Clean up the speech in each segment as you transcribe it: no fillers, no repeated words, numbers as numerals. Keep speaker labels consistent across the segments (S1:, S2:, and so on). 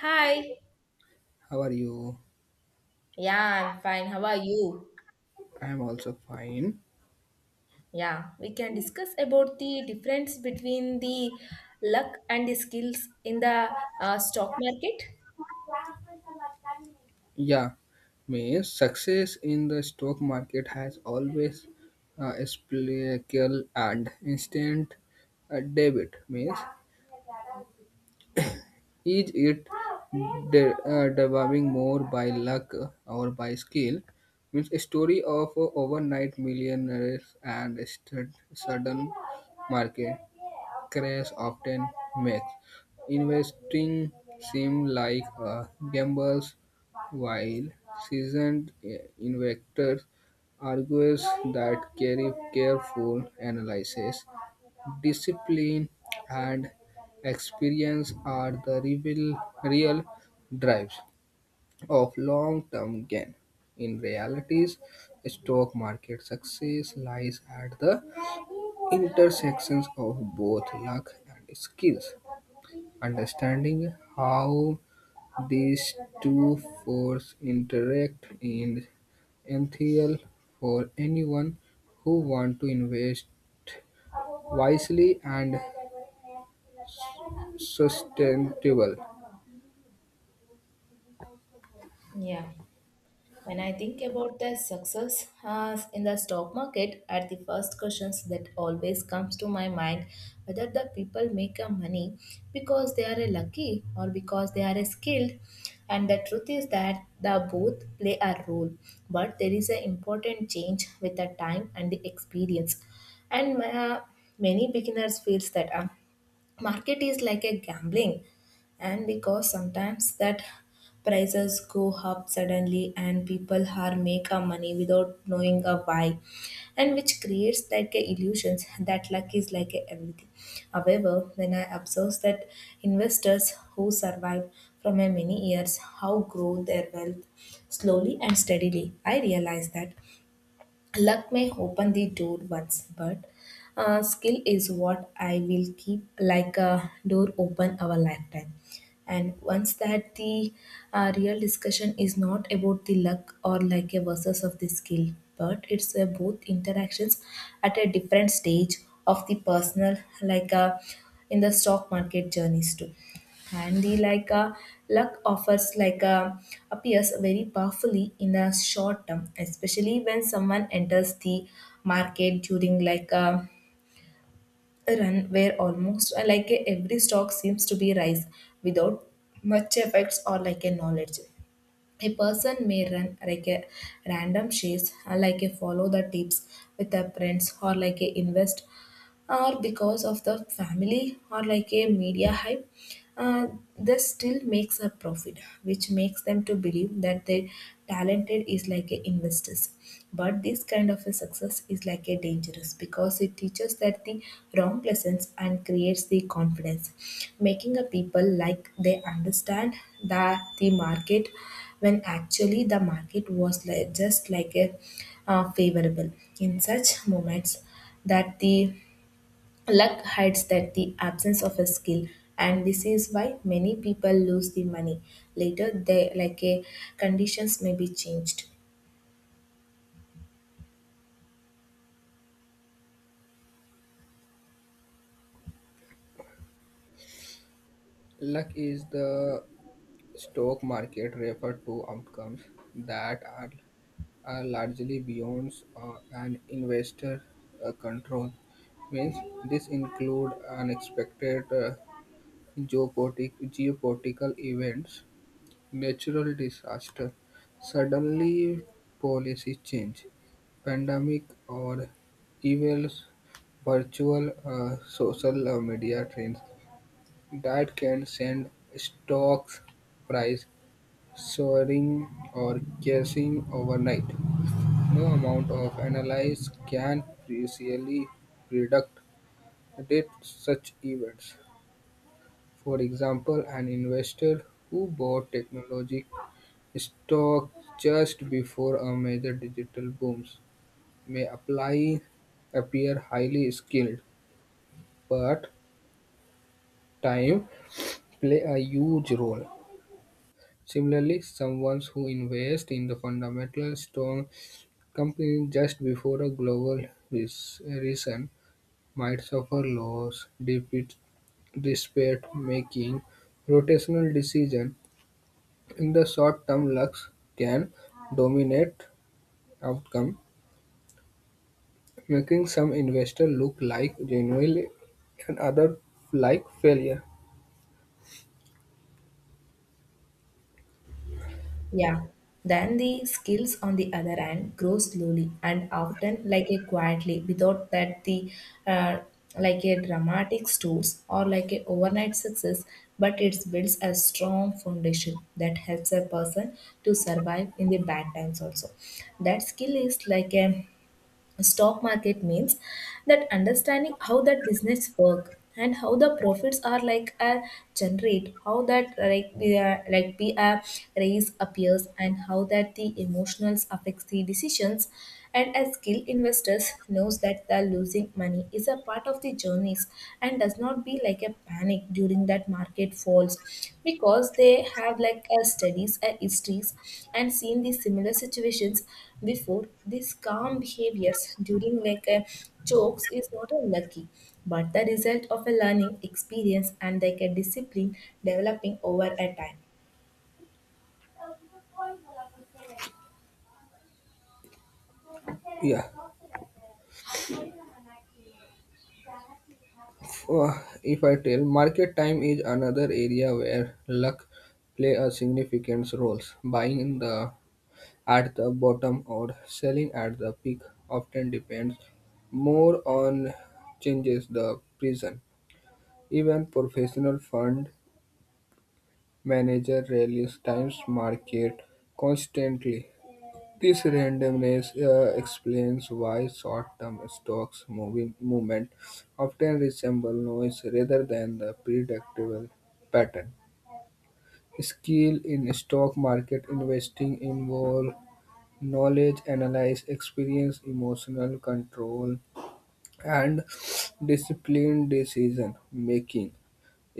S1: Hi.
S2: How are you?
S1: Yeah, I'm fine. How are you?
S2: I am also fine.
S1: Yeah, we can discuss about the difference between the luck and the skills in the stock market.
S2: Yeah, me. Success in the stock market has always a splical and instant debit means. Is it developing more by luck or by skill? Means a story of overnight millionaires and a sudden market crash often makes investing seem like a gamble, while seasoned investors argues that carry careful analysis, discipline, and experience are the real drives of long-term gain. In realities, stock market success lies at the intersections of both luck and skills. Understanding how these two forces interact is essential for anyone who wants to invest wisely and sustainable.
S1: Yeah. When I think about the success in the stock market, at the first questions that always comes to my mind whether the people make a money because they are a lucky or because they are a skilled. And the truth is that the both play a role, but there is an important change with the time and the experience. And Many beginners feels that. Market is like a gambling and because sometimes that prices go up suddenly and people are make a money without knowing a why, and which creates like a illusions that luck is like a everything. However, when I observe that investors who survive from a many years how grow their wealth slowly and steadily, I realize that luck may open the door once, but skill is what I will keep like a door open our lifetime. And once that the real discussion is not about the luck or like a versus of the skill, but it's a both interactions at a different stage of the personal like a in the stock market journeys too handy like a luck offers like a appears very powerfully in the short term, especially when someone enters the market during like a run where almost like a, every stock seems to be rise without much effects or like a knowledge. A person may run like a random shares like a follow the tips with their friends or like a invest or because of the family or like a media hype, uh, they still makes a profit which makes them to believe that their talented is like a investors, but this kind of a success is like a dangerous because it teaches that the wrong lessons and creates the confidence making a people like they understand that the market when actually the market was like, just like a favorable in such moments that the luck hides that the absence of a skill, and this is why many people lose the money. Later, they like a conditions may be changed.
S2: Luck is the stock market referred to outcomes that are largely beyond an investor control. Means this include unexpected geopolitical events, natural disaster, suddenly policy change, pandemic, or even virtual social media trends that can send stocks price soaring or crashing overnight. No amount of analysis can precisely predict that such events. For example, an investor who bought technology stock just before a major digital boom may apply, appear highly skilled, but time play a huge role. Similarly, someone who invests in the fundamental strong company just before a global recession might suffer loss, defeat, despair, making rotational decision. In the short term, Lux can dominate outcome, making some investors look like genuinely and other like failure.
S1: Yeah. Then the skills on the other hand grow slowly and often like a quietly without that the uh, like a dramatic stores or like a overnight success, but it builds a strong foundation that helps a person to survive in the bad times also. That skill is like a stock market means that understanding how that business work and how the profits are like a generate, how that like we are like be a raise appears and how that the emotionals affects the decisions. And as skilled investors knows that the losing money is a part of the journeys and does not be like a panic during that market falls because they have like a studies and histories and seen these similar situations before. These calm behaviors during like a chokes is not unlucky, but the result of a learning experience and like a discipline developing over a time.
S2: Yeah. Uh, if I tell, market time is another area where luck play a significant role. Buying in the at the bottom or selling at the peak often depends more on changes the prison. Even professional fund managers release times market constantly. This randomness explains why short-term stocks moving movement often resemble noise rather than the predictable pattern. Skill in stock market investing involve knowledge, analyze, experience, emotional control, and disciplined decision making.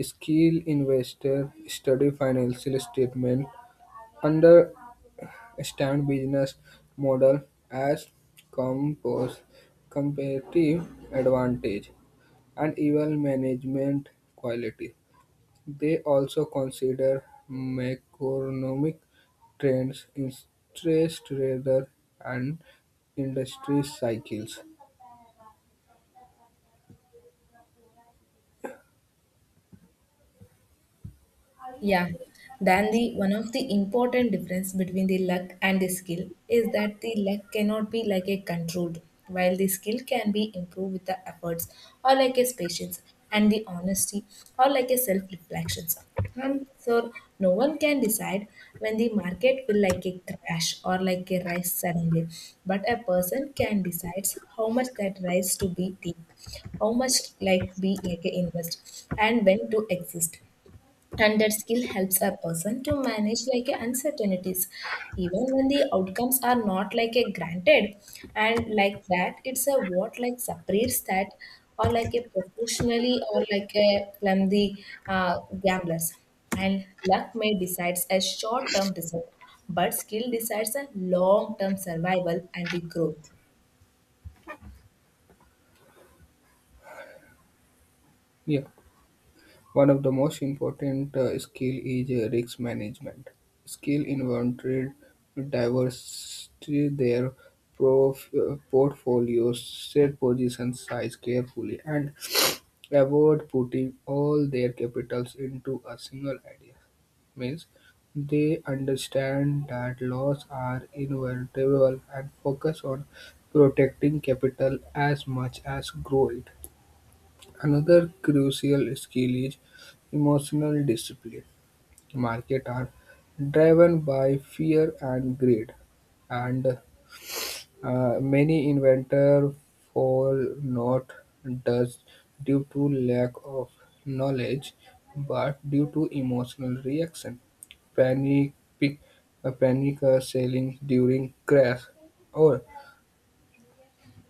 S2: Skilled investor study financial statement, understand business model as compose competitive advantage, and even management quality. They also consider macroeconomic trends, interest rates, and industry cycles.
S1: Yeah. Then the one of the important difference between the luck and the skill is that the luck cannot be like a controlled, while the skill can be improved with the efforts or like a patience and the honesty or like a self reflections. And so no one can decide when the market will like a crash or like a rise suddenly, but a person can decide how much that rise to be deep, how much like be like a invest, and when to exist. And that skill helps a person to manage like a uncertainties even when the outcomes are not like a granted. And like that it's a what like separates that or like a professionally or like a from the uh, gamblers. And luck may decides a short term result, but skill decides a long term survival and the growth.
S2: Yeah. One of the most important skill is risk management. Skill inventory diversity their portfolios, set position size carefully, and avoid putting all their capitals into a single idea. Means they understand that losses are inevitable and focus on protecting capital as much as growth. Another crucial skill is emotional discipline. Markets are driven by fear and greed, and many inventors fall not just due to lack of knowledge, but due to emotional reaction. Panic, pic, panic selling during crash, or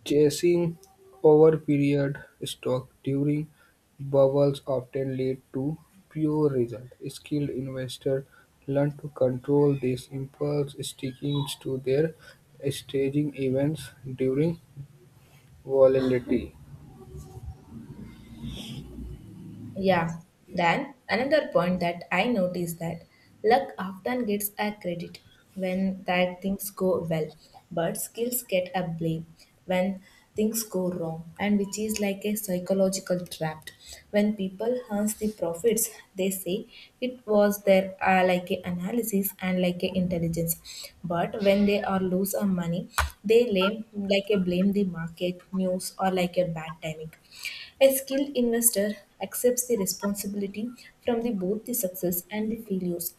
S2: chasing overpeered stock during bubbles often lead to poor results. Skilled investors learn to control these impulse, sticking to their staging events during volatility.
S1: Yeah. Then another point that I noticed that luck often gets a credit when that things go well, but skills get a blame when things go wrong, and which is like a psychological trap. When people earns the profits, they say it was their like a analysis and like a intelligence, but when they are lose a money, they blame like a blame the market news or like a bad timing. A skilled investor accepts the responsibility from the, both the success and the failures,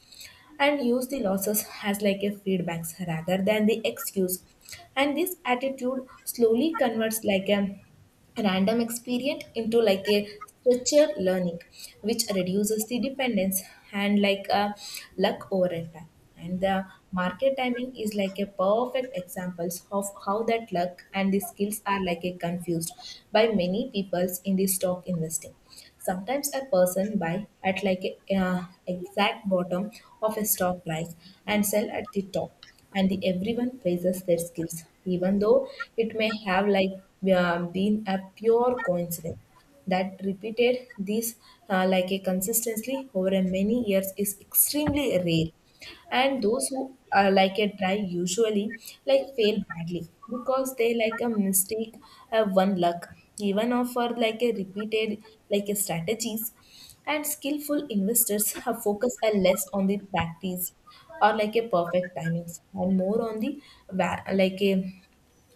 S1: and use the losses as like a feedbacks rather than the excuse. And this attitude slowly converts like a random experience into like a structured learning, which reduces the dependence and like a luck over a time. And the market timing is like a perfect examples of how that luck and the skills are like a confused by many peoples in the stock investing. Sometimes a person buy at like a exact bottom of a stock price and sell at the top, and the, everyone praises their skills even though it may have like been a pure coincidence. That repeated this like a consistently over a many years is extremely rare, and those who like it try usually like fail badly because they like a mistake one luck even of for like a repeated like a strategies. And skillful investors have focus a less on the practice or like a perfect timings and more on the like a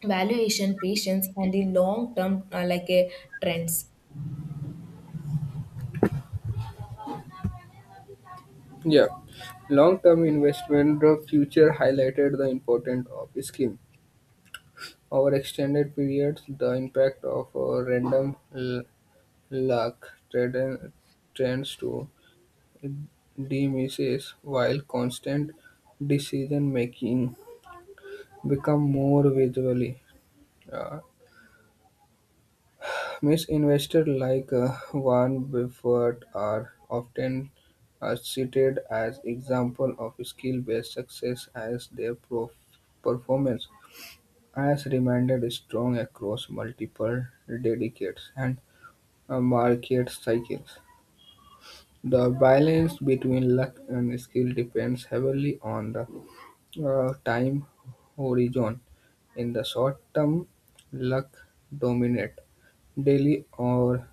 S1: valuation patience and the long term like a trends.
S2: Yeah, long-term investment the future highlighted the importance of scheme. Over extended periods, the impact of a random luck trends to diminishes while constant decision-making become more visually. Uh, Miss investors like Warren Buffett are often cited as example of skill-based success as their performance has remained strong across multiple decades and market cycles. The balance between luck and skill depends heavily on the time horizon. In the short term, luck dominate. Daily or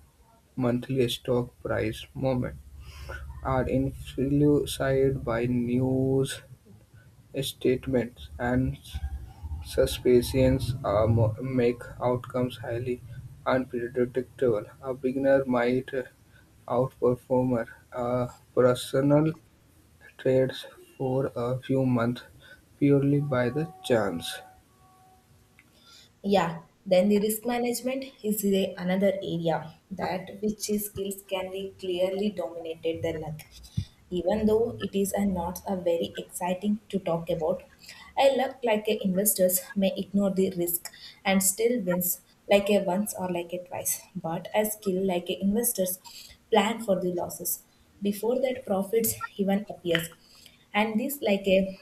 S2: monthly stock price movement are influenced by news statements and suspicions are make outcomes highly unpredictable. A beginner might outperform a personal trades for a few months purely by the chance.
S1: Yeah. Then the risk management is the another area that which is skills can be clearly dominated the luck, even though it is a not a very exciting to talk about. A luck like a investors may ignore the risk and still wins like a once or like a twice, but a skill like a investors plan for the losses before that profits even appears. And this like a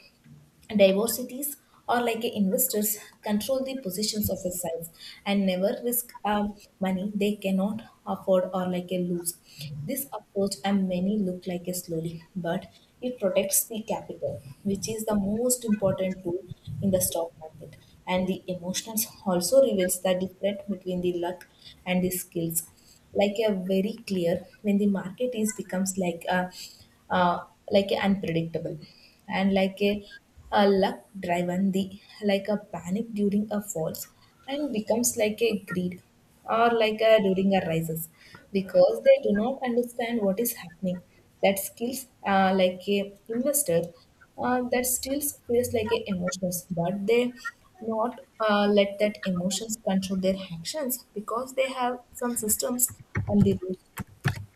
S1: diversities or like a investors control the positions of a size and never risk money they cannot afford or like a lose. This approach and many look like a slowly but it protects the capital, which is the most important tool in the stock market effort. And the emotions also reveals the difference between the luck and the skills like a very clear when the market is becomes uh, like a unpredictable and like a luck driven the like a panic during a falls and becomes like a greed or like a during a rises because they do not understand what is happening. That skills like a investor that still feels like a emotions, but they not let that emotions control their actions because they have some systems and the rules too.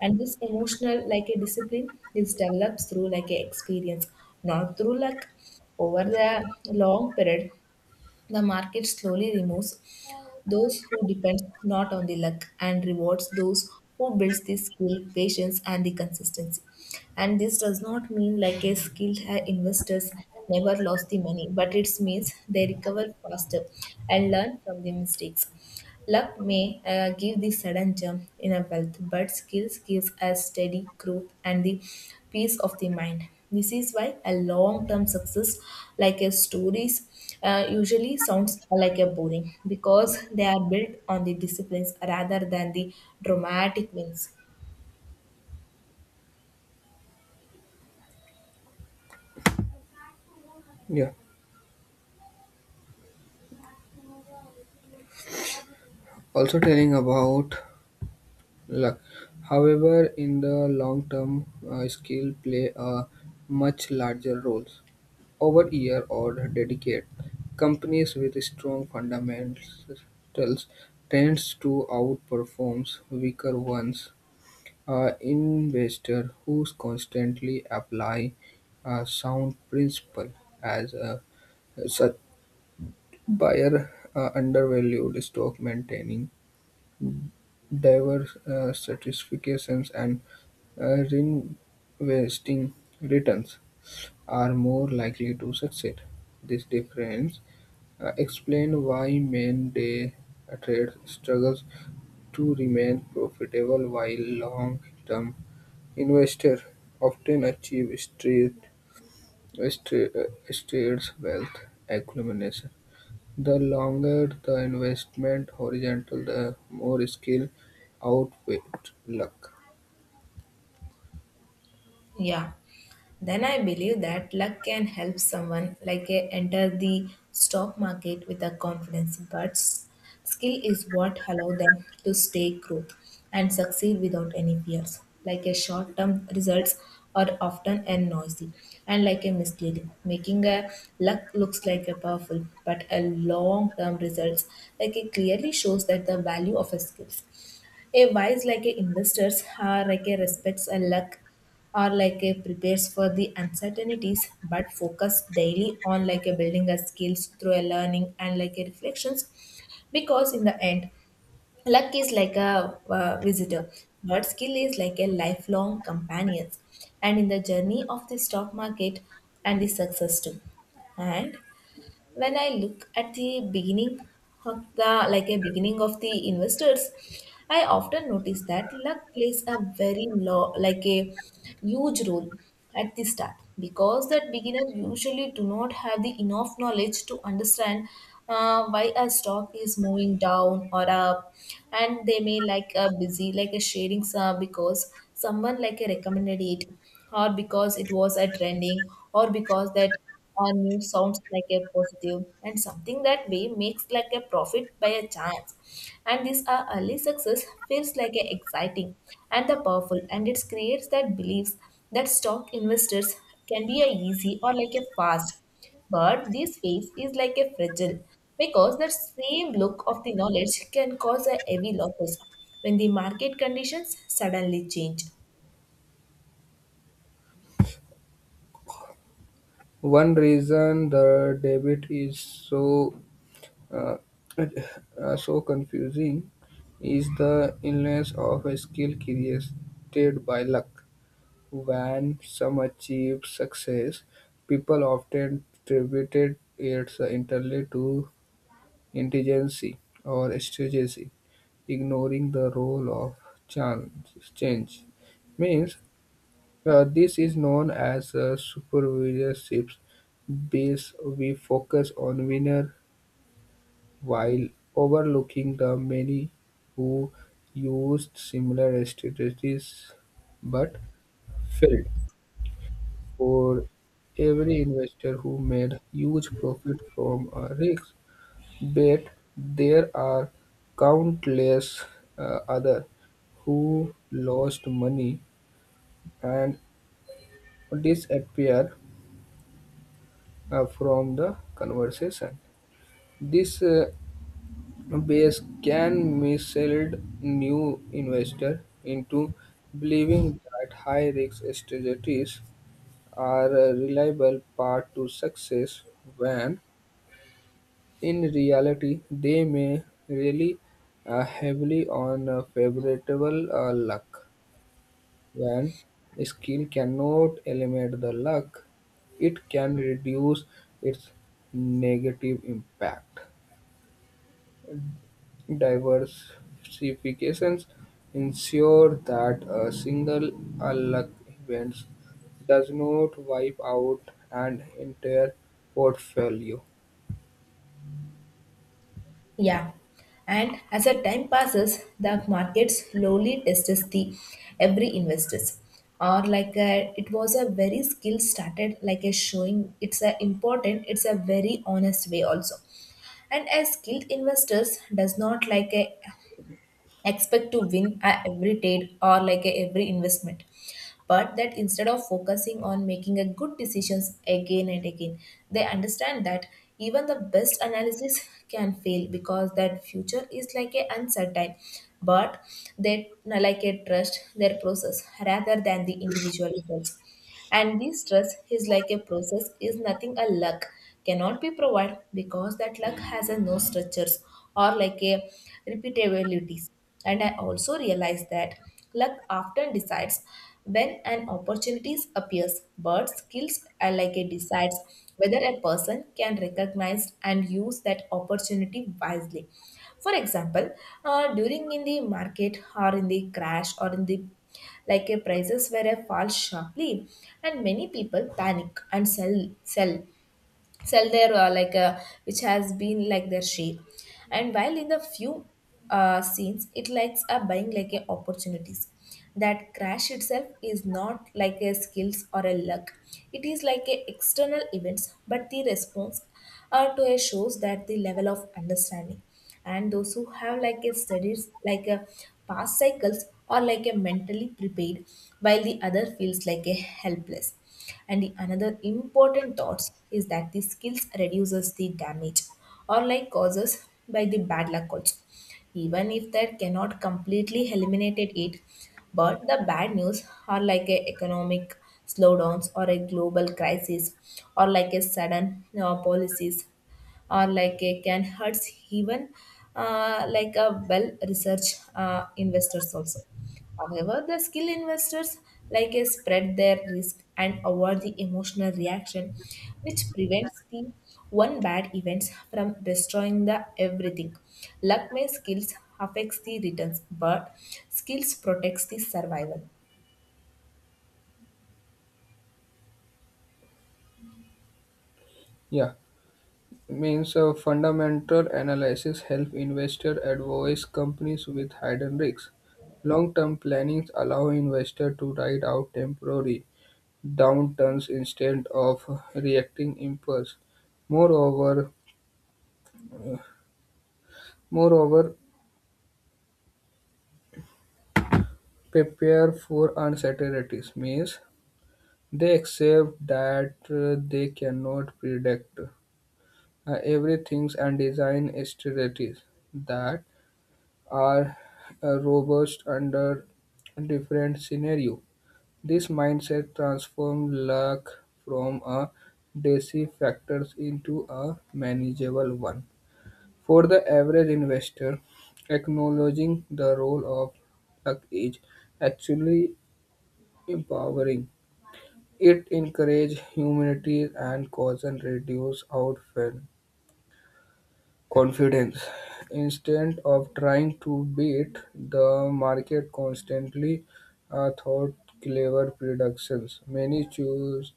S1: And this emotional like a discipline is developed through like a experience, not through luck. Over the long period, the market slowly removes those who depend not on the luck and rewards those who builds the skill, patience, and the consistency. And this does not mean like a investors never lost the money, but it means they recover faster and learn from the mistakes. Luck may give the sudden jump in a wealth, but skills gives us steady growth and the peace of the mind. This is why a long-term success, like a stories, usually sounds like a boring because they are built on the disciplines rather than the dramatic wins.
S2: Yeah. Also telling about luck. However, in the long term, skill play a much larger role. Over year or decade, companies with strong fundamentals tends to outperform weaker ones. Investor who constantly apply a sound principle as a such buyer undervalued stock maintaining diverse certifications and reinvesting returns are more likely to succeed. These differences explain why main day trades struggle to remain profitable while long-term investors often achieve steady state wealth accumulation. The longer the investment horizon, the more skill outwit luck.
S1: Yeah. Then I believe that luck can help someone enter the stock market with a confidence, but skill is what allow them to stay growth and succeed without any fears. Like a short-term results are often and noisy and like a misleading, making a luck looks like a powerful, but a long-term results like it clearly shows that the value of a skills, a wise like a investors are like a respects a luck or like a prepares for the uncertainties but focus daily on like a building a skills through a learning and like a reflections, because in the end luck is like a visitor but skill is like a lifelong companions, and in the journey of the stock market and the success too. And when I look at the beginning of the like a beginning of the investors, I often notice that luck plays a very low like a huge role at the start, because that beginners usually do not have the enough knowledge to understand why a stock is moving down or up, and they may like a busy like a sharing some because someone like a recommended it, or because it was a trending, or because that, or new sounds like a positive and something that we makes like a profit by a chance. And this our early success feels like a exciting and the powerful, and it creates that beliefs that stock investors can be a easy or like a fast, but this phase is like a fragile because the same look of the knowledge can cause a heavy losses when the market conditions suddenly change.
S2: One reason the debit is so uh, so confusing is the illness of a skill created by luck. When some achieve success, people often attributed it entirely to Indigency or strategy, ignoring the role of change, means this is known as supervisorship. This we focus on winner while overlooking the many who used similar strategies but failed. For every investor who made huge profit from a risk, but there are countless other who lost money and disappear from the conversation. This base can mislead new investor into believing that high-risk strategies are a reliable path to success when in reality, they may rely heavily on favorable luck. When skill cannot eliminate the luck, it can reduce its negative impact. Diversifications ensure that a single luck event does not wipe out an entire portfolio.
S1: Yeah, and as the time passes, the market slowly tests the every investors. Or like a, it was a very skill started like a showing. It's a important. It's a very honest way also. And a skilled investors does not like a expect to win at every trade or like a every investment, but that instead of focusing on making a good decisions again and again, they understand that even the best analysis can fail because that future is like a uncertain, but they like a trust their process rather than the individual results, and this trust is like a process is nothing a luck cannot be provided, because that luck has a no structures or like a repeatabilities. And I also realize that luck often decides when an opportunity appears, but skills are like a decides whether a person can recognize and use that opportunity wisely. For example, during in the market or in the crash or in the like a prices were a fall sharply, and many people panic and sell sell their like which has been like their share, and while in the few scenes it likes a buying like a opportunities, that crash itself is not like a skills or a luck, it is like a external events, but the response to a shows that the level of understanding, and those who have like a studies like a past cycles or like a mentally prepared, while the other feels like a helpless. And the another important thoughts is that the skills reduces the damage or like causes by the bad luck also, even if that cannot completely eliminated it, but the bad news are like a economic slowdowns or a global crisis or like a sudden policies, or like it can hurt even like a well-researched investors also. However, the skill investors like a spread their risk and avoid the emotional reaction, which prevents the one bad events from destroying the everything. Luck may skills affects the returns, but skills protects the survival.
S2: Yeah. Means fundamental analysis help investor advise companies with hidden risks. Long-term plannings allow investor to ride out temporary downturns instead of reacting impulse. Moreover, moreover, prepare for uncertainties means they accept that they cannot predict everything and design strategies that are robust under different scenario. This mindset transforms luck from a decisive factor into a manageable one. For the average investor, acknowledging the role of luck is actually empowering. It encourages humanity and causes and reduce outfall confidence. Instead of trying to beat the market constantly thought clever productions. Many choose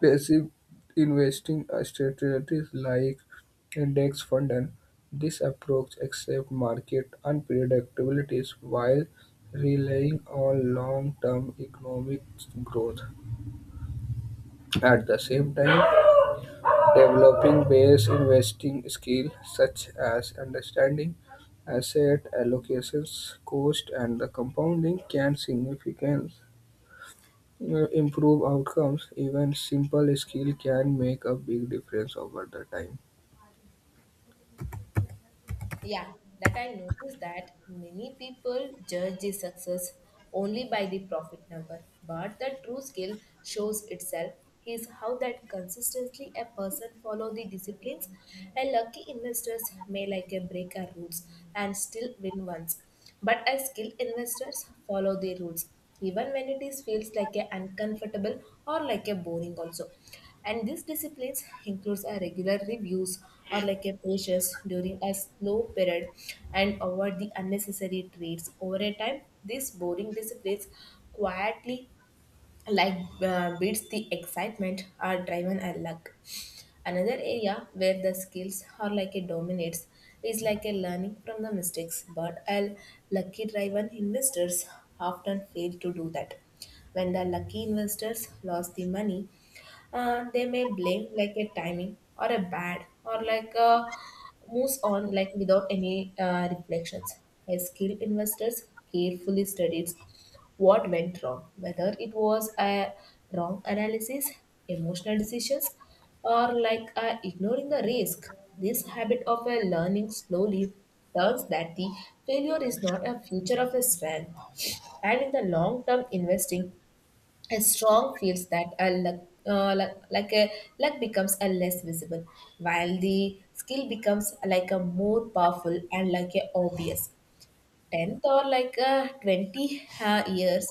S2: passive investing strategies like index fund and this approach accepts market unpredictabilities while relying on long-term economic growth. At the same time, developing base investing skills such as understanding asset allocations, cost, and the compounding can significantly improve outcomes. Even simple skill can make a big difference over the time.
S1: Yeah, that I noticed that many people judge the success only by the profit number, but the true skill shows itself is how that consistently a person follow the disciplines, and lucky investors may like a break our rules and still win once. But as skilled investors follow the rules, even when it is feels like a uncomfortable or like a boring also. And this disciplines includes a regular reviews or like a patience during a slow period and avoid the unnecessary trades. Over a time, these boring disciplines quietly like beats the excitement are driven a luck. Another area where the skills are like it dominates is like a learning from the mistakes, but a lucky driven investors often fail to do that. When the lucky investors lost the money, they may blame like a timing or a bad or like a moves on like without any reflections. A skilled investors carefully studies what went wrong, whether it was a wrong analysis, emotional decisions, or like ignoring the risk. This habit of learning slowly learns that the failure is not a future of a strength. And in the long term investing, a strong feels that a luck becomes a less visible, while the skill becomes like a more powerful and like a obvious. 10th or like 20 years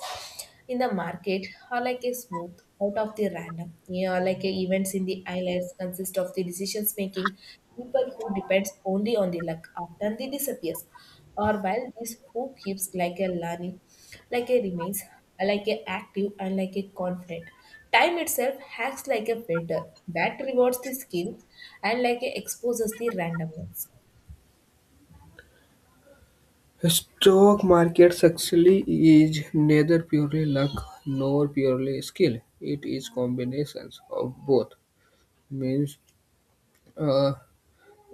S1: in the market are like a smooth out of the random you know like events in the islands consist of the decisions making. People who depends only on the luck after they disappears, or while this who keeps like a learning like a remains like a active and like a confident. Time itself acts like a filter that rewards the skills and like a exposes the randomness.
S2: Stock market success is neither purely luck nor purely skill. It is combinations of both. Means uh,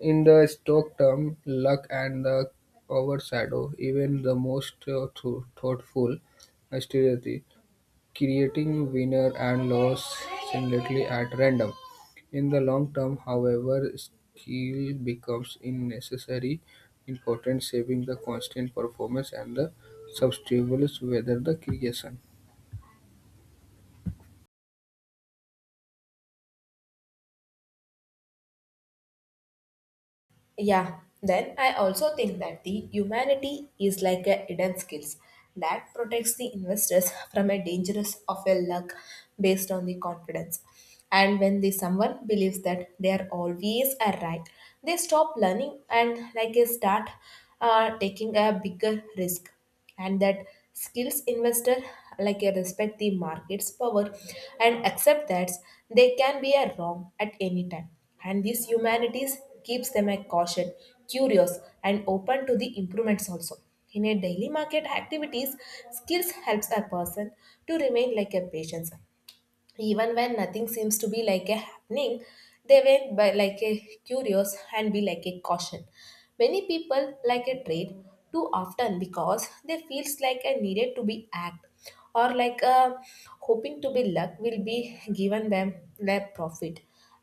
S2: in the Stoic term, luck and the overshadow even the most thoughtful strategy, creating winner and loss singly at random. In the long term, however, skill becomes unnecessary important, saving the constant performance and the substitutes whether the creation.
S1: Yeah, then I also think that the humanity is like a hidden skills that protects the investors from a dangerous of a luck based on the confidence. And when the someone believes that they are always a right, they stop learning and like they start taking a bigger risk, and that skills investor like respect the market's power and accept that they can be a wrong at any time, and this humanities keeps them a caution, curious, and open to the improvements also. In a daily market activities, skills helps a person to remain like a patient even when nothing seems to be like a happening. They went by like a curious and be like a caution. Many people like a trade too often because they feels like a needed to be act or like a hoping to be luck will be given them their profit.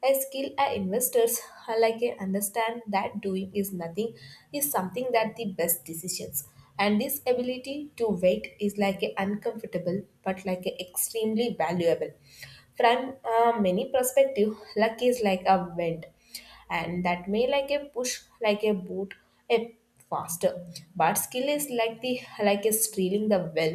S1: A skill our investors are like a understand that doing is nothing is something that the best decisions. And this ability to wait is like a uncomfortable but like a extremely valuable. From many perspective, luck is like a wind and that may like a push like a boot a faster, but skill is like the like a stealing the well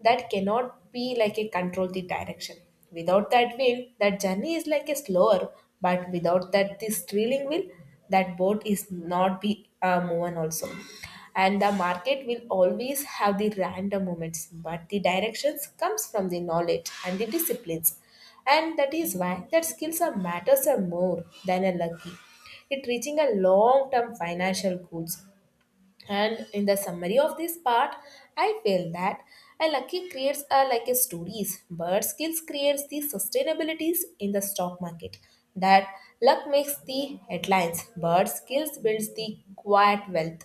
S1: that cannot be like a control the direction. Without that wheel, that journey is like a slower, but without that this trailing wheel, that boat is not be moving also. And the market will always have the random moments, but the directions comes from the knowledge and the disciplines. And that is why that skills are matters are more than a lucky. It reaching a long-term financial goals, and in the summary of this part, I feel that a lucky creates are like a stories, but skills creates the sustainabilities in the stock market. That luck makes the headlines, but skills builds the quiet wealth.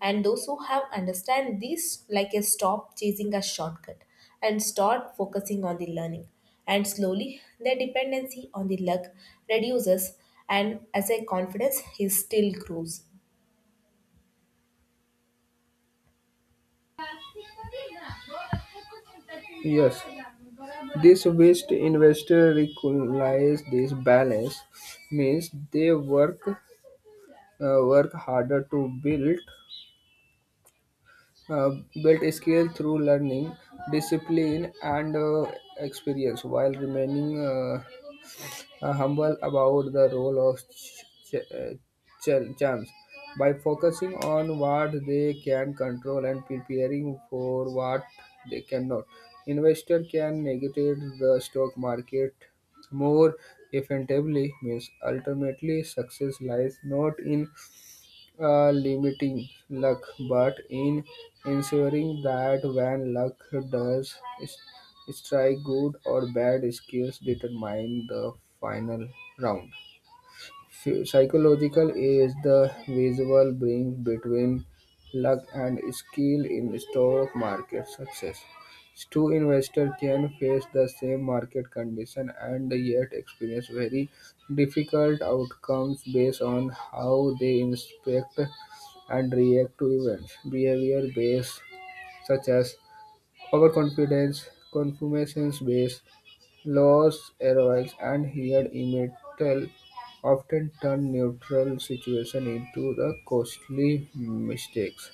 S1: And those who have understand this like a stop chasing a shortcut and start focusing on the learning. And slowly their dependency on the luck reduces, and as a confidence is still grows.
S2: Yes, this West investor recognize this balance means they work harder to build uh, build skill through learning, discipline, and experience while remaining humble about the role of charms by focusing on what they can control and preparing for what they cannot. Investor can navigate the stock market more effectively means ultimately success lies not in limiting luck, but in ensuring that when luck does s- strike, good or bad skills determine the final round. Psychological is the visual bridge between luck and skill in stock market success. Two investors can face the same market condition and yet experience very difficult outcomes based on how they inspect and react to events. Behavior based, such as overconfidence, confirmation-bias, loss aversion, and hired immunity often turn neutral situations into the costly mistakes.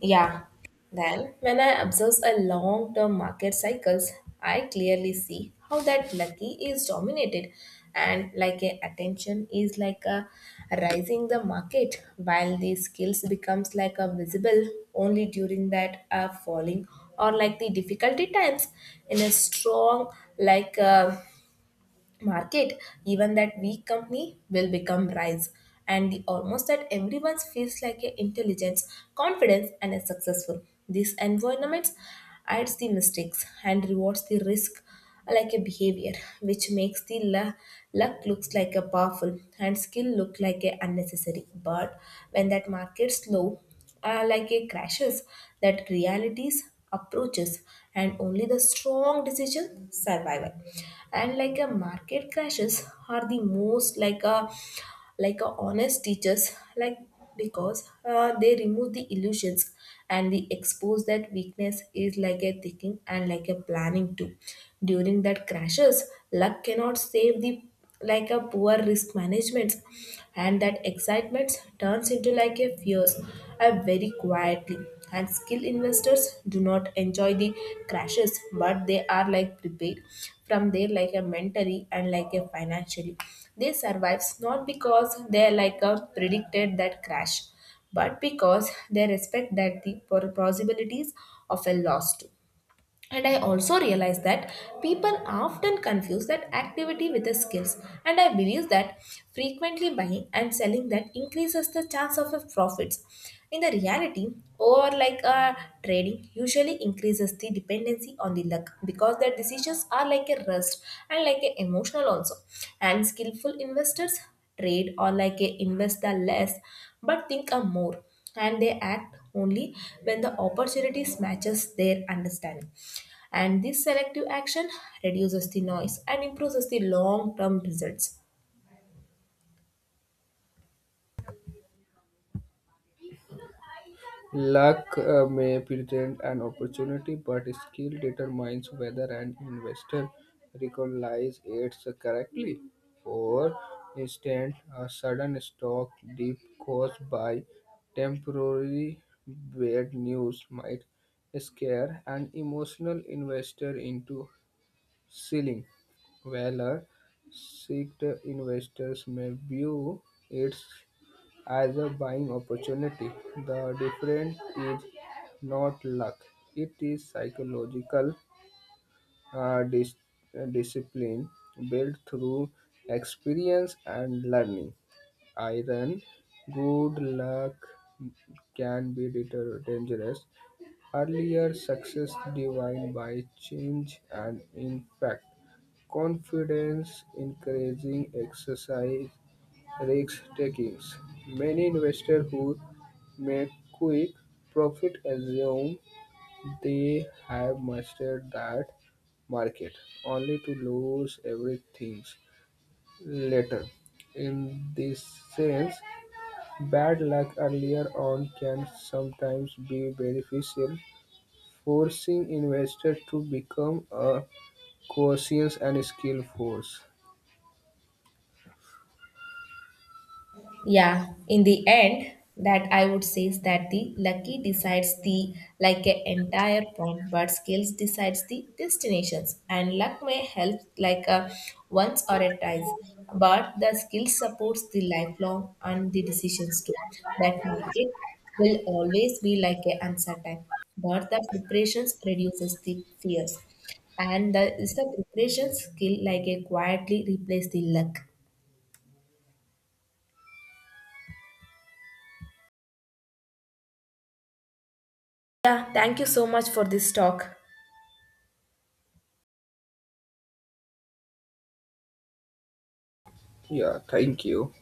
S1: Yeah. Then, when I observe a long term market cycles, I clearly see how that lucky is dominated and like a attention is like a rising the market, while the skills becomes like a visible only during that falling or like the difficulty times. In a strong like market, even that weak company will become rise. And the almost that everyone feels like a intelligence, confidence, and a successful. These environments adds the mistakes and rewards the risk like a behavior, which makes the luck looks like a powerful and skill look like a unnecessary. But when that market slow, like a crashes, that realities approaches and only the strong decision survival. And like a market crashes are the most like a honest teachers like, because they remove the illusions and we expose that weakness is like a thinking and like a planning too. During that crashes luck cannot save the like a poor risk management, and that excitement turns into like a fears, and very quietly. And skilled investors do not enjoy the crashes, but they are like prepared from there like a mentally and like a financially. They survives not because they like a predicted that crash, but because they respect that the possibilities of a loss too. And I also realize that people often confuse that activity with the skills. And I believe that frequently buying and selling that increases the chance of a profits. In the reality, or like trading usually increases the dependency on the luck because their decisions are like a rust and like a emotional also. And skillful investors trade or like a invest the less but think a more, and they act only when the opportunity matches their understanding, and this selective action reduces the noise and improves the long term results.
S2: Luck may present an opportunity, but skill determines whether an investor recognizes it correctly. For instance, a sudden stock dip caused by temporary bad news might scare an emotional investor into selling, while a seasoned investor may view it as a buying opportunity. The difference is not luck, it is psychological uh, dis- discipline built through experience and learning. Iron, good luck can be dangerous. Earlier success defined by change and in fact confidence increasing exercise risk takings. Many investors who make quick profit assume they have mastered that market, only to lose everything later. In this sense, bad luck earlier on can sometimes be beneficial, forcing investors to become a cautious and skilled force.
S1: Yeah, in the end, that I would say is that the lucky decides the like a entire pond, but skills decides the destinations. And luck may help like a once or a twice, but the skill supports the lifelong and the decisions too. That market will always be like a uncertain, but the preparations reduces the fears, and the is the preparation skill like a quietly replace the luck. Yeah, thank you so much for this talk.
S2: Yeah, thank you.